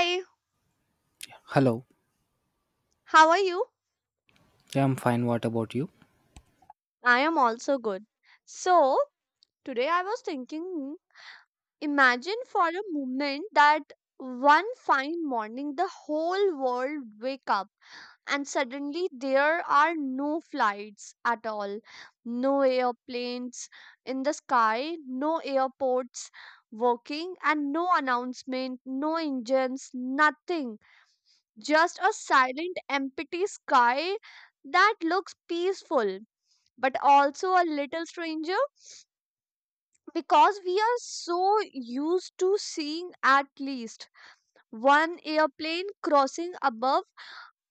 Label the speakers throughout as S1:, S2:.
S1: Hi,
S2: Hello.
S1: how are you?
S2: Yeah, I'm fine. What about you?
S1: I am also good. So, today I was thinking imagine for a moment that one fine morning the whole world wake up and suddenly there are no flights at all, no airplanes in the sky, no airports working, and no announcement, no engines, nothing, just a silent empty sky that looks peaceful but also a little stranger because we are so used to seeing at least one airplane crossing above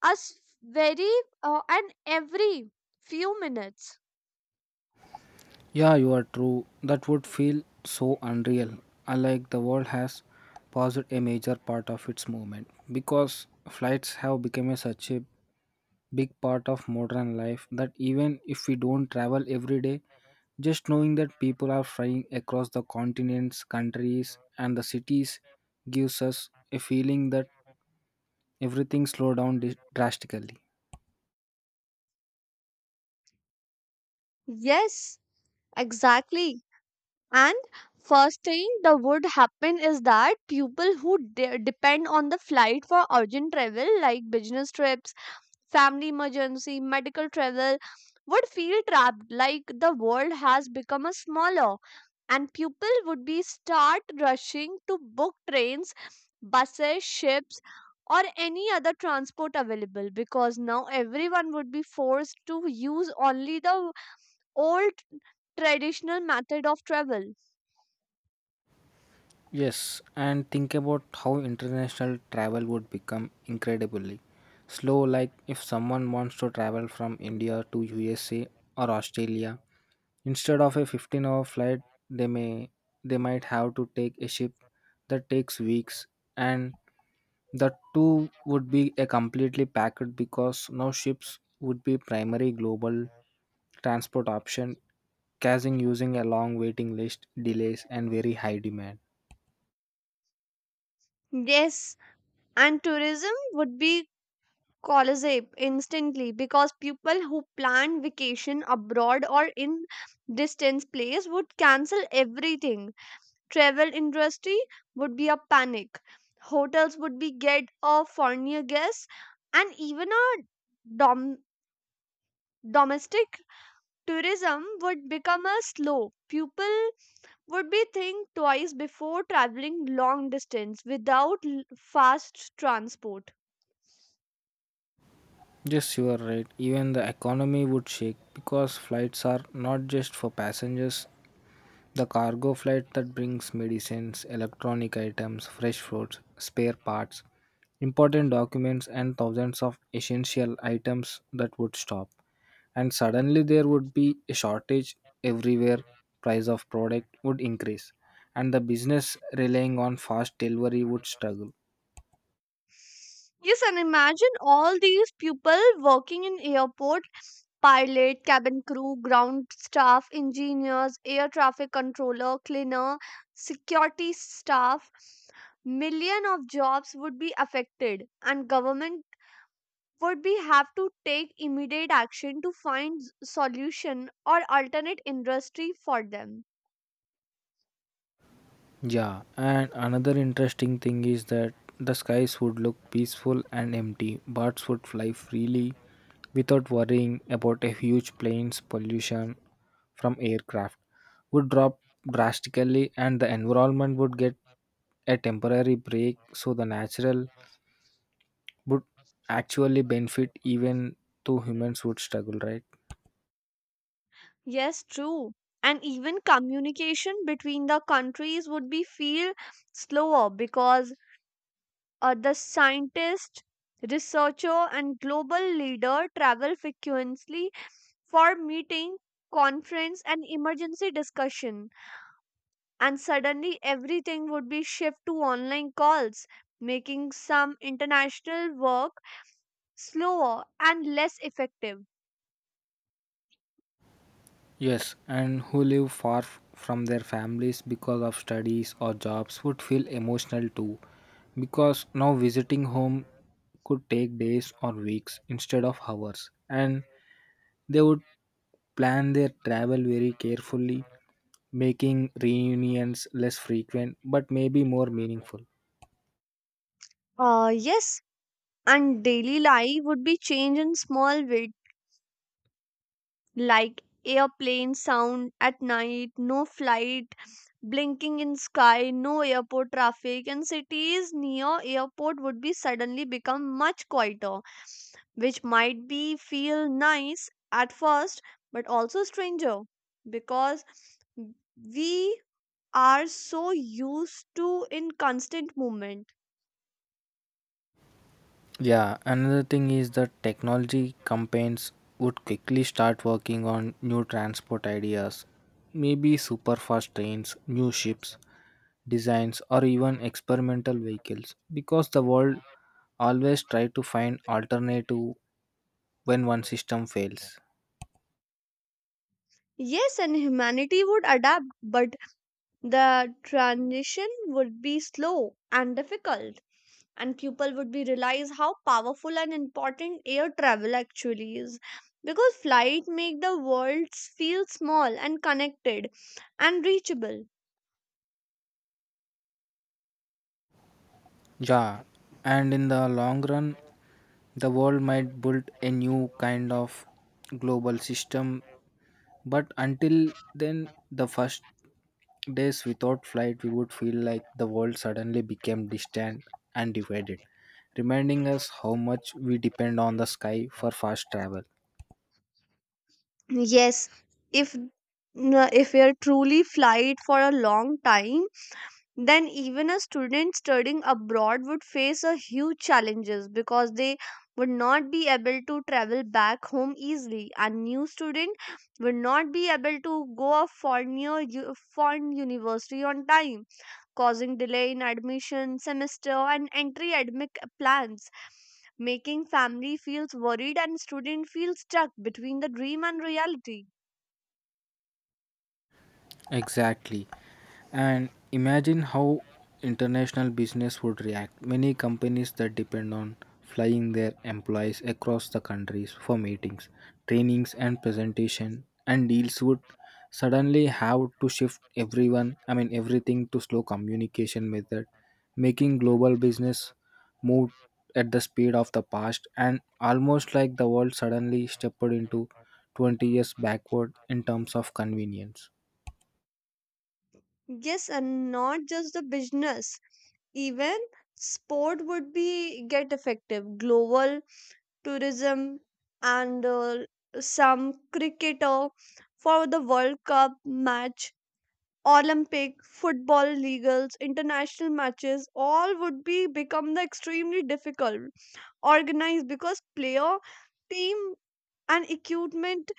S1: us very and every few minutes.
S2: Yeah, you are true. That would feel so unreal. Unlike the world has paused a major part of its movement because flights have become a such a big part of modern life that even if we don't travel every day, just knowing that people are flying across the continents, countries, and the cities gives us a feeling that everything slowed down drastically.
S1: Yes, exactly. And first thing that would happen is that people who depend on the flight for urgent travel like business trips, family emergency, medical travel would feel trapped like the world has become a smaller, and people would be start rushing to book trains, buses, ships, or any other transport available because now everyone would be forced to use only the old traditional method of travel.
S2: Yes, and think about how international travel would become incredibly slow. Like if someone wants to travel from India to USA or Australia, instead of a 15-hour flight, they may they might have to take a ship that takes weeks, and the two would be a completely packed because now ships would be primary global transport option, causing using a long waiting list, delays, and very high demand.
S1: Yes, and tourism would be collapse instantly because people who plan vacation abroad or in distant place would cancel everything. Travel industry would be a panic, hotels would be get a foreigner guests, and even a dom- domestic tourism would become a slow. People would be think twice before traveling long distance without fast transport.
S2: Yes, you are right. Even the economy would shake because flights are not just for passengers. The cargo flight that brings medicines, electronic items, fresh fruits, spare parts, important documents, and thousands of essential items that would stop. And suddenly there would be a shortage everywhere. Price of product would increase, and the business relying on fast delivery would struggle.
S1: Yes, and imagine all these people working in airport, pilot, cabin crew, ground staff, engineers, air traffic controller, cleaner, security staff, million of jobs would be affected, and government would be have to take immediate action to find solution or alternate industry for them.
S2: Yeah, and another interesting thing is that the skies would look peaceful and empty. Birds would fly freely without worrying about a huge plane's pollution from aircraft would drop drastically and the environment would get a temporary break so the natural would actually benefit even though humans would struggle, right?
S1: Yes, true. And even communication between the countries would be feel slower because the scientist, researcher, and global leader travel frequently for meeting, conference, and emergency discussion. And suddenly, everything would be shift to online calls, making some international work slower and less effective.
S2: Yes, and who live far from their families because of studies or jobs would feel emotional too, because now visiting home could take days or weeks instead of hours, and they would plan their travel very carefully, making reunions less frequent but maybe more meaningful.
S1: Yes, and daily life would be changed in small ways, like airplane sound at night, no flight blinking in sky, no airport traffic, and cities near airport would be suddenly become much quieter, which might be feel nice at first, but also stranger because we are so used to in constant movement.
S2: Yeah, another thing is that technology campaigns would quickly start working on new transport ideas, maybe super fast trains, new ships, designs or even experimental vehicles because the world always try to find alternative when one system fails.
S1: Yes, and humanity would adapt, but the transition would be slow and difficult. And people would be realize how powerful and important air travel actually is because flight make the world feel small and connected and reachable.
S2: Yeah, and in the long run the world might build a new kind of global system, but until then the first days without flight we would feel like the world suddenly became distant and divided, reminding us how much we depend on the sky for fast travel.
S1: Yes, if we are truly flight for a long time, then even a student studying abroad would face a huge challenges because they would not be able to travel back home easily, and new student would not be able to go a foreign, foreign university on time, causing delay in admission semester and entry academic plans, making family feels worried and student feels stuck between the dream and reality.
S2: Exactly. And imagine how international business would react. Many companies that depend on flying their employees across the countries for meetings, trainings and presentation and deals would suddenly have to shift everyone, I mean everything to slow communication method, making global business move at the speed of the past and almost like the world suddenly stepped into 20 years backward in terms of convenience.
S1: Yes, and not just the business, even sport would be get effective. Global tourism and some cricketer for the World Cup match, Olympic football legals, international matches, all would be become the extremely difficult organized because player, team, and equipment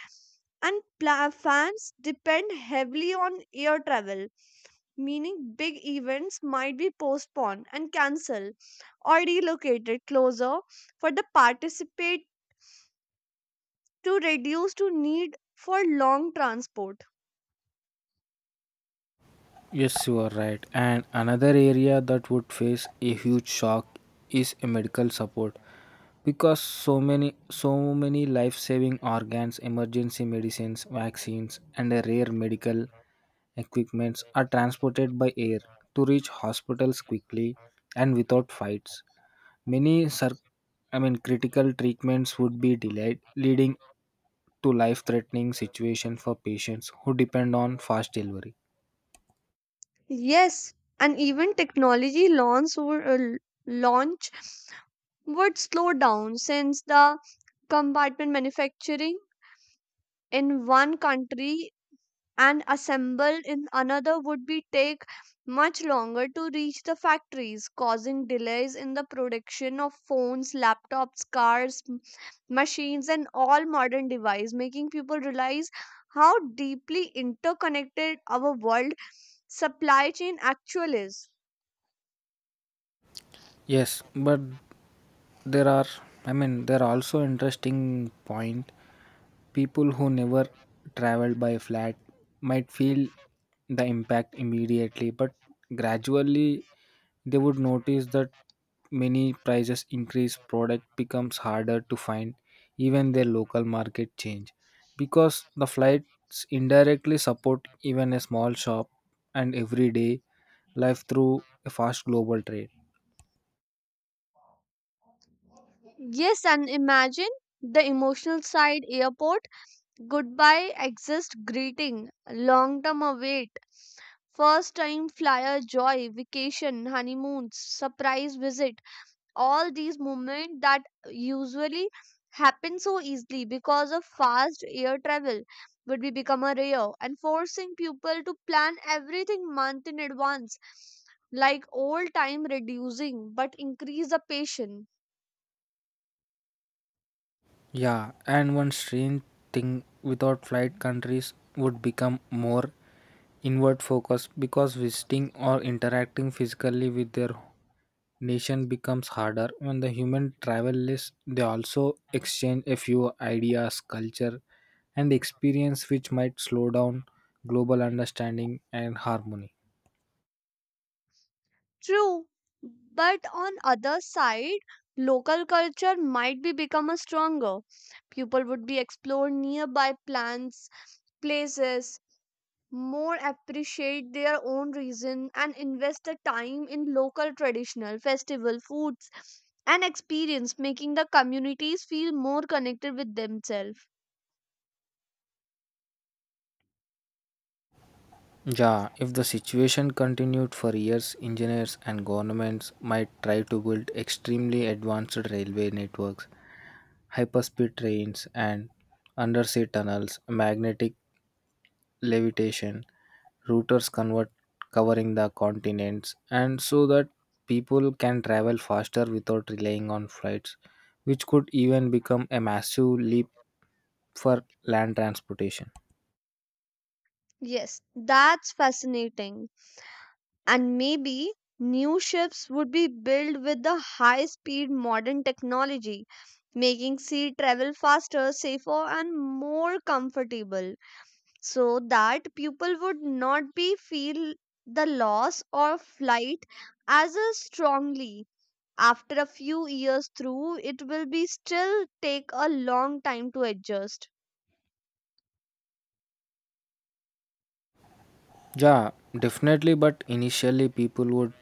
S1: and fans depend heavily on air travel, meaning big events might be postponed and cancelled or relocated closer for the participate to reduce to need for long transport.
S2: Yes, you are right. And another area that would face a huge shock is a medical support because so many life-saving organs, emergency medicines, vaccines and a rare medical equipments are transported by air to reach hospitals quickly and without fights. Many cir- I mean critical treatments would be delayed leading to life-threatening situation for patients who depend on fast delivery.
S1: Yes, and even technology launch would, launch would slow down since the compartment manufacturing in one country and assemble in another would be take much longer to reach the factories, causing delays in the production of phones, laptops, cars, machines, and all modern devices, making people realize how deeply interconnected our world supply chain actually is.
S2: Yes, but there are, I mean, there are also interesting point. People who never traveled by flat might feel the impact immediately, but gradually they would notice that many prices increase, product becomes harder to find, even their local market change, because the flights indirectly support even a small shop and everyday life through a fast global trade.
S1: Yes, and imagine the emotional side, airport goodbye exist greeting long term await, first time flyer joy, vacation, honeymoons, surprise visit, all these moments that usually happen so easily because of fast air travel would be become a rare and forcing people to plan everything month in advance like old time reducing but increase the patience.
S2: Yeah, and one strange thing without flight countries would become more inward focused because visiting or interacting physically with their nation becomes harder when the human travel list they also exchange a few ideas culture and experience which might slow down global understanding and harmony.
S1: True, but on other side, local culture might be become a stronger. People would be explore nearby plants, places, more appreciate their own reason and invest the time in local traditional festival foods and experience, making the communities feel more connected with themselves.
S2: Yeah, if the situation continued for years, engineers and governments might try to build extremely advanced railway networks, hyperspeed trains, and undersea tunnels, magnetic levitation, routers convert covering the continents, and so that people can travel faster without relying on flights, which could even become a massive leap for land transportation.
S1: Yes, that's fascinating. And maybe new ships would be built with the high speed modern technology, making sea travel faster, safer, and more comfortable so that people would not be feel the loss of flight as a strongly after a few years through it will be still take a long time to adjust.
S2: Yeah, definitely. But initially, people would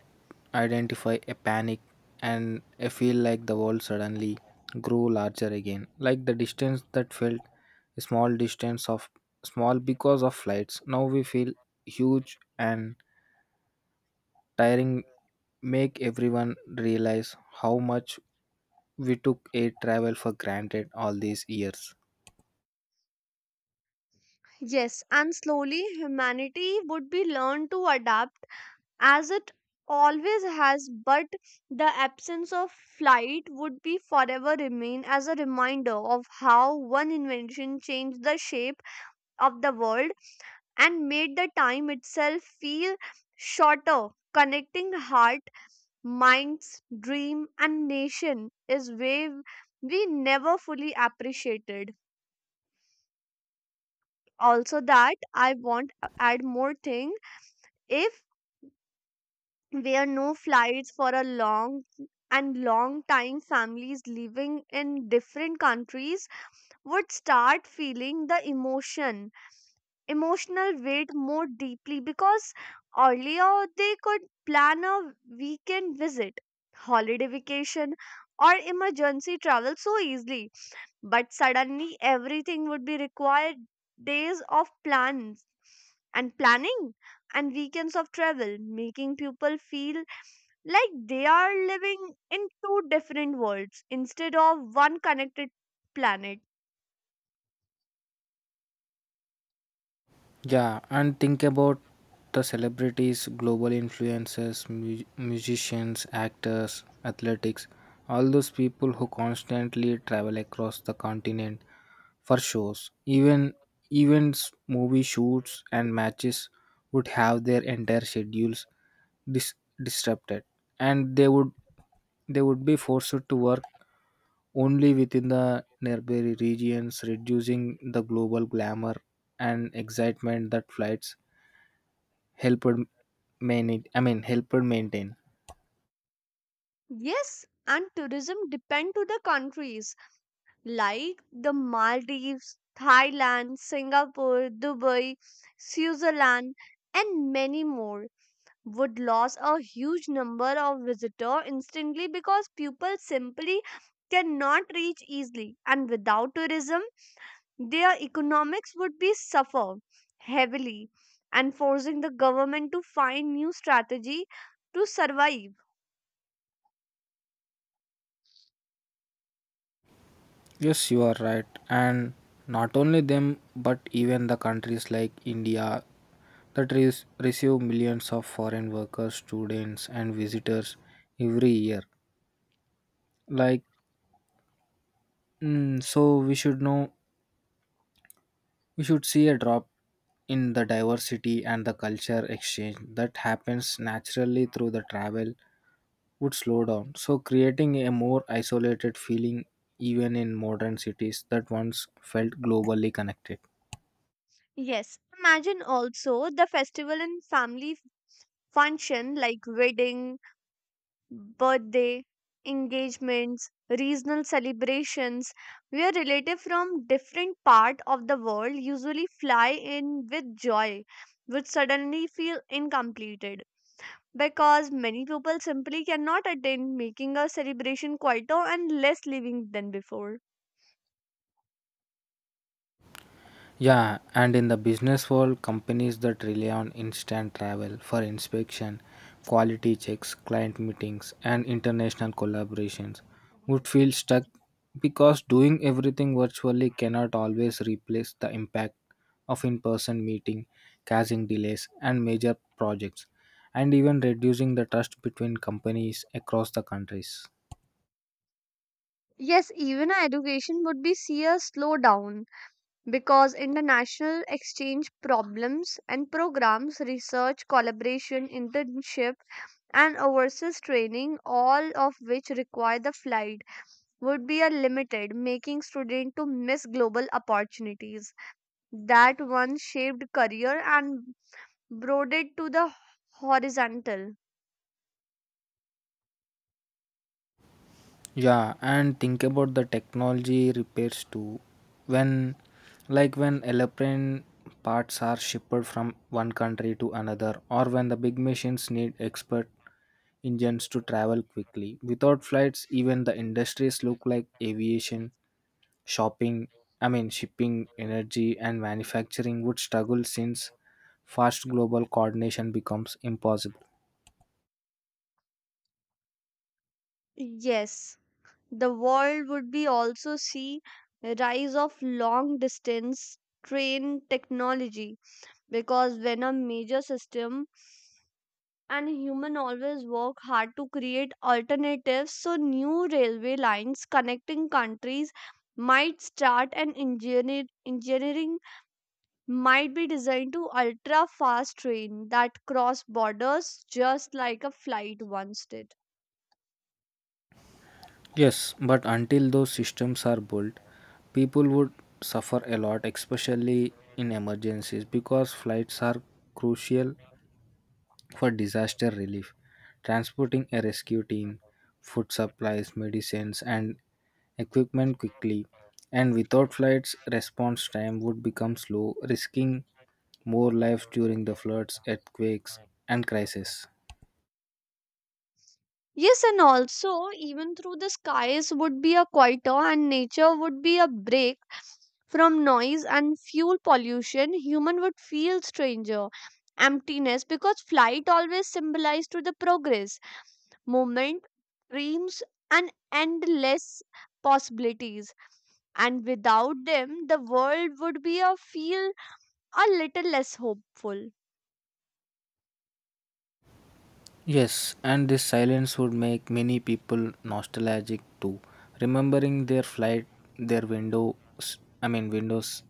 S2: identify a panic and a feel like the world suddenly grew larger again. Like the distance that felt a small distance of small because of flights. Now we feel huge and tiring, make everyone realize how much we took air travel for granted all these years.
S1: Yes, and slowly humanity would be learned to adapt as it always has, but the absence of flight would be forever remain as a reminder of how one invention changed the shape of the world and made the time itself feel shorter, connecting heart, minds, dream, and nation is way we never fully appreciated. Also that I want to add more thing, if where no flights for a long and long time, families living in different countries would start feeling the emotion emotional weight more deeply because earlier they could plan a weekend visit, holiday vacation, or emergency travel so easily, but suddenly everything would be required days of plans and planning and weekends of travel, making people feel like they are living in two different worlds instead of one connected planet.
S2: Yeah, and think about the celebrities, global influencers, musicians, actors, athletics, all those people who constantly travel across the continent for shows. Even events, movie shoots, and matches would have their entire schedules dis- disrupted, and they would be forced to work only within the nearby regions, reducing the global glamour and excitement that flights helped maintain. I mean, helped maintain.
S1: Yes, and tourism depend to the countries like the Maldives, Thailand, Singapore, Dubai, Switzerland, and many more would lose a huge number of visitor instantly because people simply cannot reach easily, and without tourism their economics would be suffer heavily and forcing the government to find new strategy to survive.
S2: Yes, you are right, and not only them, but even the countries like India that receive millions of foreign workers, students, and visitors every year. Like, so we should see a drop in the diversity and the culture exchange that happens naturally through the travel would slow down. So, creating a more isolated feeling even in modern cities that once felt globally connected.
S1: Yes, imagine also the festival and family function like wedding, birthday, engagements, regional celebrations where relatives from different part of the world usually fly in with joy would suddenly feel incomplete because many people simply cannot attend, making a celebration quieter and less living than before.
S2: Yeah, and in the business world, companies that rely on instant travel for inspection, quality checks, client meetings, and international collaborations would feel stuck because doing everything virtually cannot always replace the impact of in person meeting, causing delays and major projects, and even reducing the trust between companies across the countries.
S1: Yes, even our education would be see a slowdown because international exchange problems and programs, research, collaboration, internship, and overseas training, all of which require the flight, would be a limited, making students to miss global opportunities that once shaped career and broadened to the horizontal.
S2: Yeah, and think about the technology repairs too. When, like when airplane parts are shipped from one country to another, or when the big machines need expert engines to travel quickly. Without flights, even the industries look like aviation, shopping, I mean, shipping, energy, and manufacturing would struggle since fast global coordination becomes impossible.
S1: Yes, the world would be also see a rise of long distance train technology because when a major system and human always work hard to create alternatives, so new railway lines connecting countries might start, and engineering might be designed to ultra fast train that cross borders just like a flight once did.
S2: Yes, but until those systems are built, people would suffer a lot, especially in emergencies, because flights are crucial for disaster relief. Transporting a rescue team, food supplies, medicines, and equipment quickly, and without flights, response time would become slow, risking more lives during the floods, earthquakes, and crises.
S1: Yes, and also, even through the skies would be a quieter and nature would be a break from noise and fuel pollution. Human would feel stranger, emptiness, because flight always symbolized to the progress, movement, dreams, and endless possibilities. And without them, the world would be a feel a little less hopeful.
S2: Yes, and this silence would make many people nostalgic too, remembering their flight, I mean windows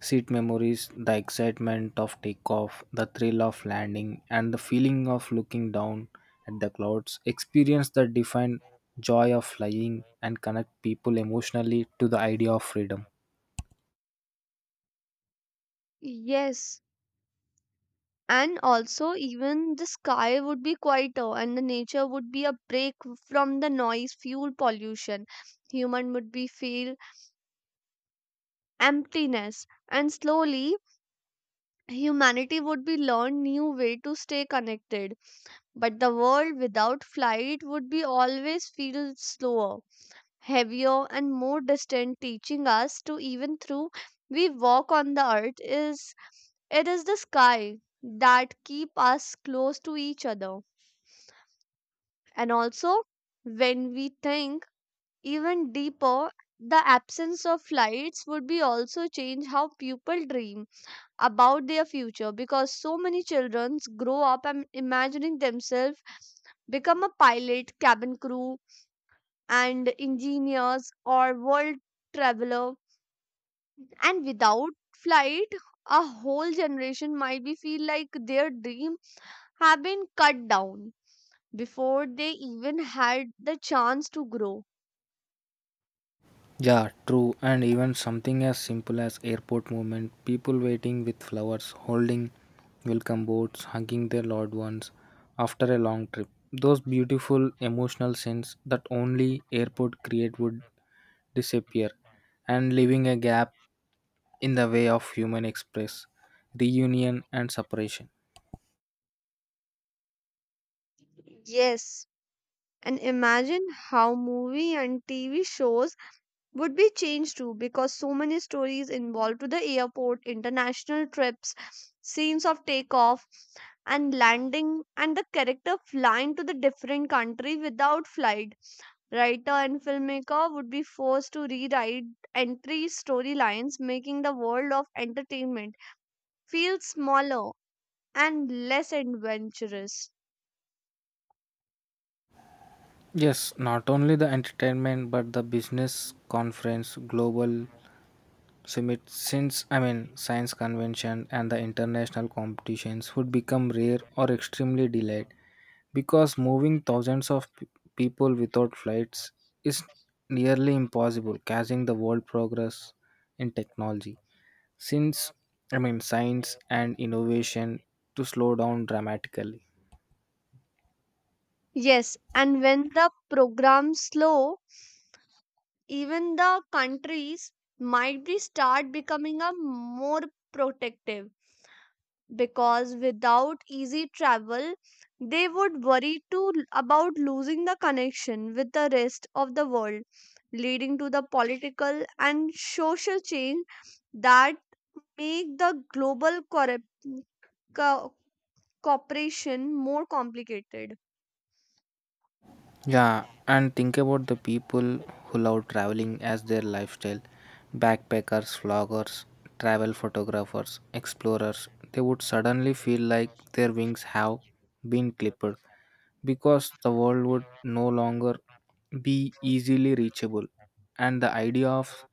S2: seat memories, the excitement of takeoff, the thrill of landing, and the feeling of looking down at the clouds, experience that define joy of flying and connect people emotionally to the idea of freedom.
S1: Yes, and also even the sky would be quieter and the nature would be a break from the noise fuel pollution. Human would be feel emptiness, and slowly humanity would be learn new way to stay connected, but the world without flight would be always feel slower, heavier, and more distant, teaching us to even through we walk on the earth is it is the sky that keep us close to each other. And also, when we think even deeper, the absence of lights would be also change how people dream about their future because so many children grow up and imagining themselves become a pilot, cabin crew, and engineers or world traveler. And without flight, a whole generation might be feel like their dream have been cut down before they even had the chance to grow.
S2: Yeah, true. And even something as simple as airport movement, people waiting with flowers, holding welcome boats, hugging their loved ones after a long trip. Those beautiful emotional scenes that only airport create would disappear and leaving a gap in the way of human express, reunion and separation.
S1: Yes, and imagine how movie and TV shows would be changed too because so many stories involved to the airport, international trips, scenes of takeoff and landing and the character flying to the different country without flight. Writer and filmmaker would be forced to rewrite entry storylines, making the world of entertainment feel smaller and less adventurous.
S2: Yes, not only the entertainment but the business, conference, since I mean science convention and the international competitions would become rare or extremely delayed because moving thousands of people without flights is nearly impossible, causing the world progress in technology. Since I mean science and innovation to slow down dramatically.
S1: Yes, and when the programs slow, even the countries might be start becoming a more protective because without easy travel they would worry about losing the connection with the rest of the world, leading to the political and social change that make the global co- cooperation more complicated.
S2: Yeah, and think about the people who love traveling as their lifestyle backpackers, vloggers, travel photographers, explorers. They would suddenly feel like their wings have been clipped because the world would no longer be easily reachable. And the idea of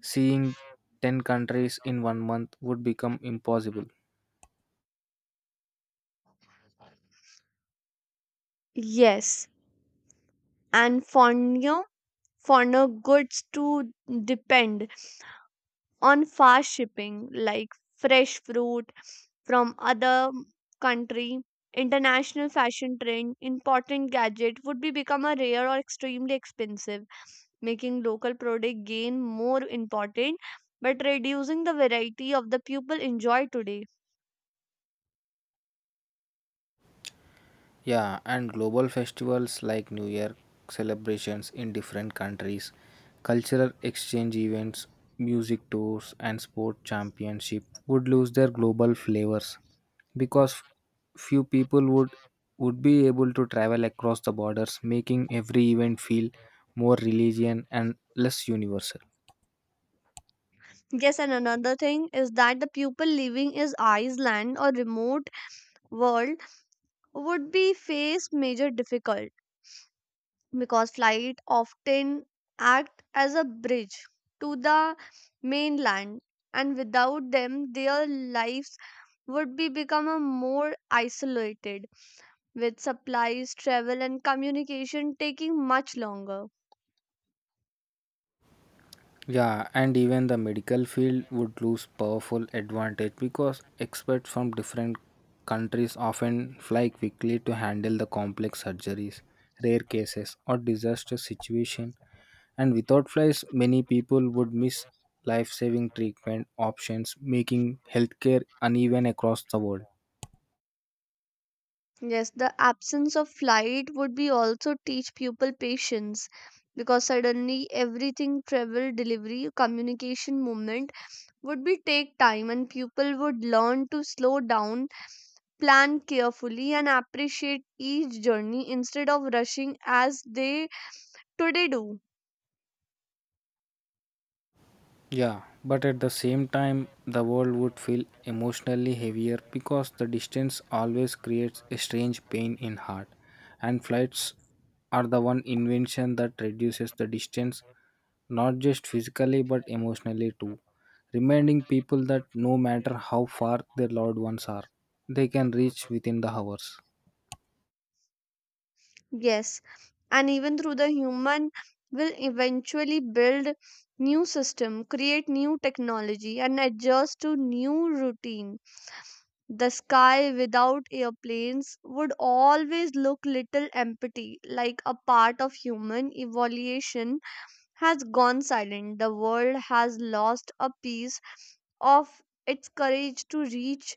S2: seeing 10 countries in one month would become impossible.
S1: Yes, and for new, for no goods to depend on fast shipping like fresh fruit from other country, international fashion trend important gadget would be become a rare or extremely expensive, making local product gain more important but reducing the variety of the people enjoy today.
S2: Yeah, and global festivals like New Year celebrations in different countries, cultural exchange events, music tours, and sport championship would lose their global flavors because few people would be able to travel across the borders, making every event feel more religion and less universal.
S1: Yes, and another thing is that the people living is island or remote world would be face major difficult because flight often act as a bridge to the mainland, and without them their lives would be become a more isolated with supplies travel and communication taking much longer.
S2: Yeah, and even the medical field would lose powerful advantage because experts from different countries often fly quickly to handle the complex surgeries, rare cases, or disaster situation. And without flights, many people would miss life-saving treatment options, making healthcare uneven across the world.
S1: Yes, the absence of flight would be also teach people patience because suddenly everything travel delivery communication movement would be take time, and people would learn to slow down, plan carefully, and appreciate each journey instead of rushing as they today do.
S2: Yeah, but at the same time, the world would feel emotionally heavier because the distance always creates a strange pain in heart. And flights are the one invention that reduces the distance, not just physically but emotionally too, reminding people that no matter how far their loved ones are, they can reach within the hours.
S1: Yes, and even through the human will eventually build new system, create new technology and adjust to new routine. The sky without airplanes would always look little empty, like a part of human evolution has gone silent. The world has lost a piece of its courage to reach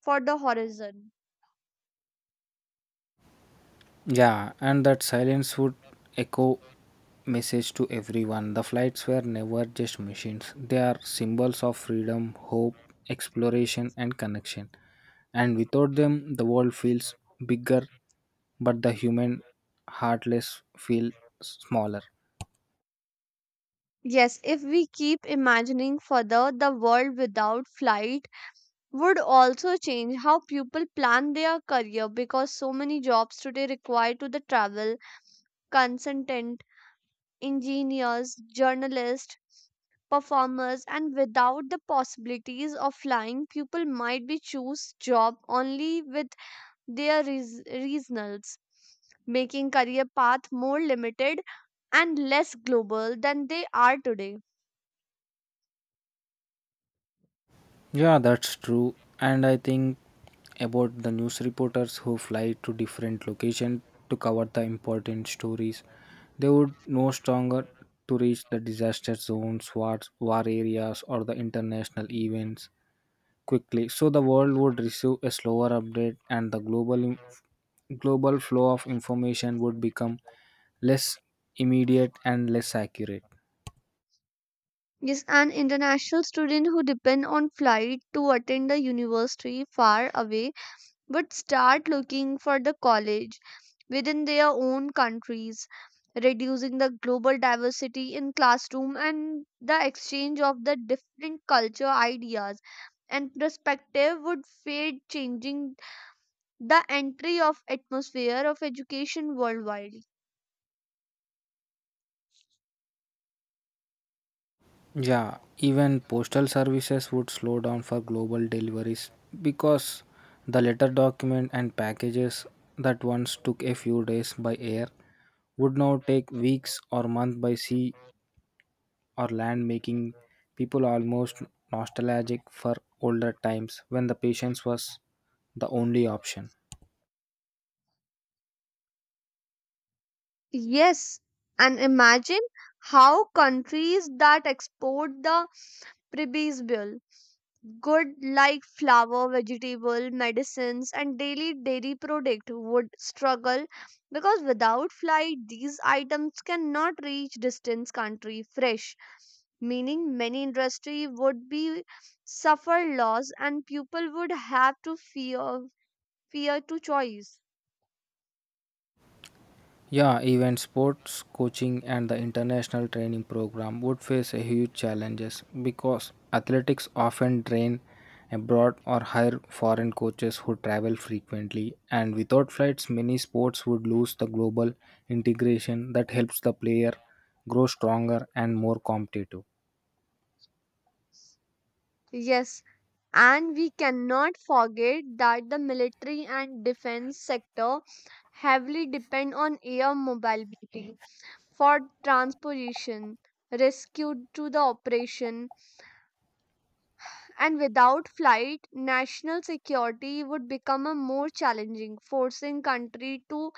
S1: for the horizon.
S2: Yeah, and that silence would echo message to everyone. The flights were never just machines. They are symbols of freedom, hope, exploration and connection. And without them the world feels bigger but the human heartless feel smaller.
S1: Yes, if we keep imagining further, the world without flight would also change how people plan their career because so many jobs today require to the travel, consultant, engineers, journalists, performers, and without the possibilities of flying, people might be choose job only with their regionals, making career path more limited and less global than they are today.
S2: Yeah, that's true. And I think about the news reporters who fly to different locations to cover the important stories. They would know stronger to reach the disaster zones, wars, war areas, or the international events quickly. So the world would receive a slower update, and the global flow of information would become less immediate and less accurate.
S1: Yes, an international student who depend on flight to attend a university far away would start looking for the college within their own countries, reducing the global diversity in classroom, and the exchange of the different culture ideas and perspective would fade, changing the entry of atmosphere of education worldwide.
S2: Yeah, even postal services would slow down for global deliveries because the letter document and packages that once took a few days by air would now take weeks or months by sea or land, making people almost nostalgic for older times when the patience was the only option.
S1: Yes, and imagine how countries that export the previsible good like flour, vegetable, medicines, and daily dairy product would struggle because without flight, these items cannot reach distant country fresh, meaning many industry would be suffer loss and people would have to fear to choice.
S2: Yeah, even sports coaching and the international training program would face a huge challenges because athletics often train abroad or hire foreign coaches who travel frequently and without flights many sports would lose the global integration that helps the player grow stronger and more competitive.
S1: Yes, and we cannot forget that the military and defense sector heavily depend on air mobility for transportation, rescue to the operation, and without flight, national security would become a more challenging, forcing country to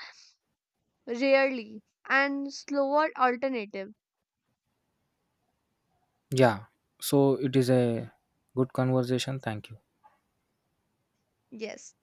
S1: rarely and slower alternative.
S2: Yeah. So it is a good conversation. Thank you.
S1: Yes.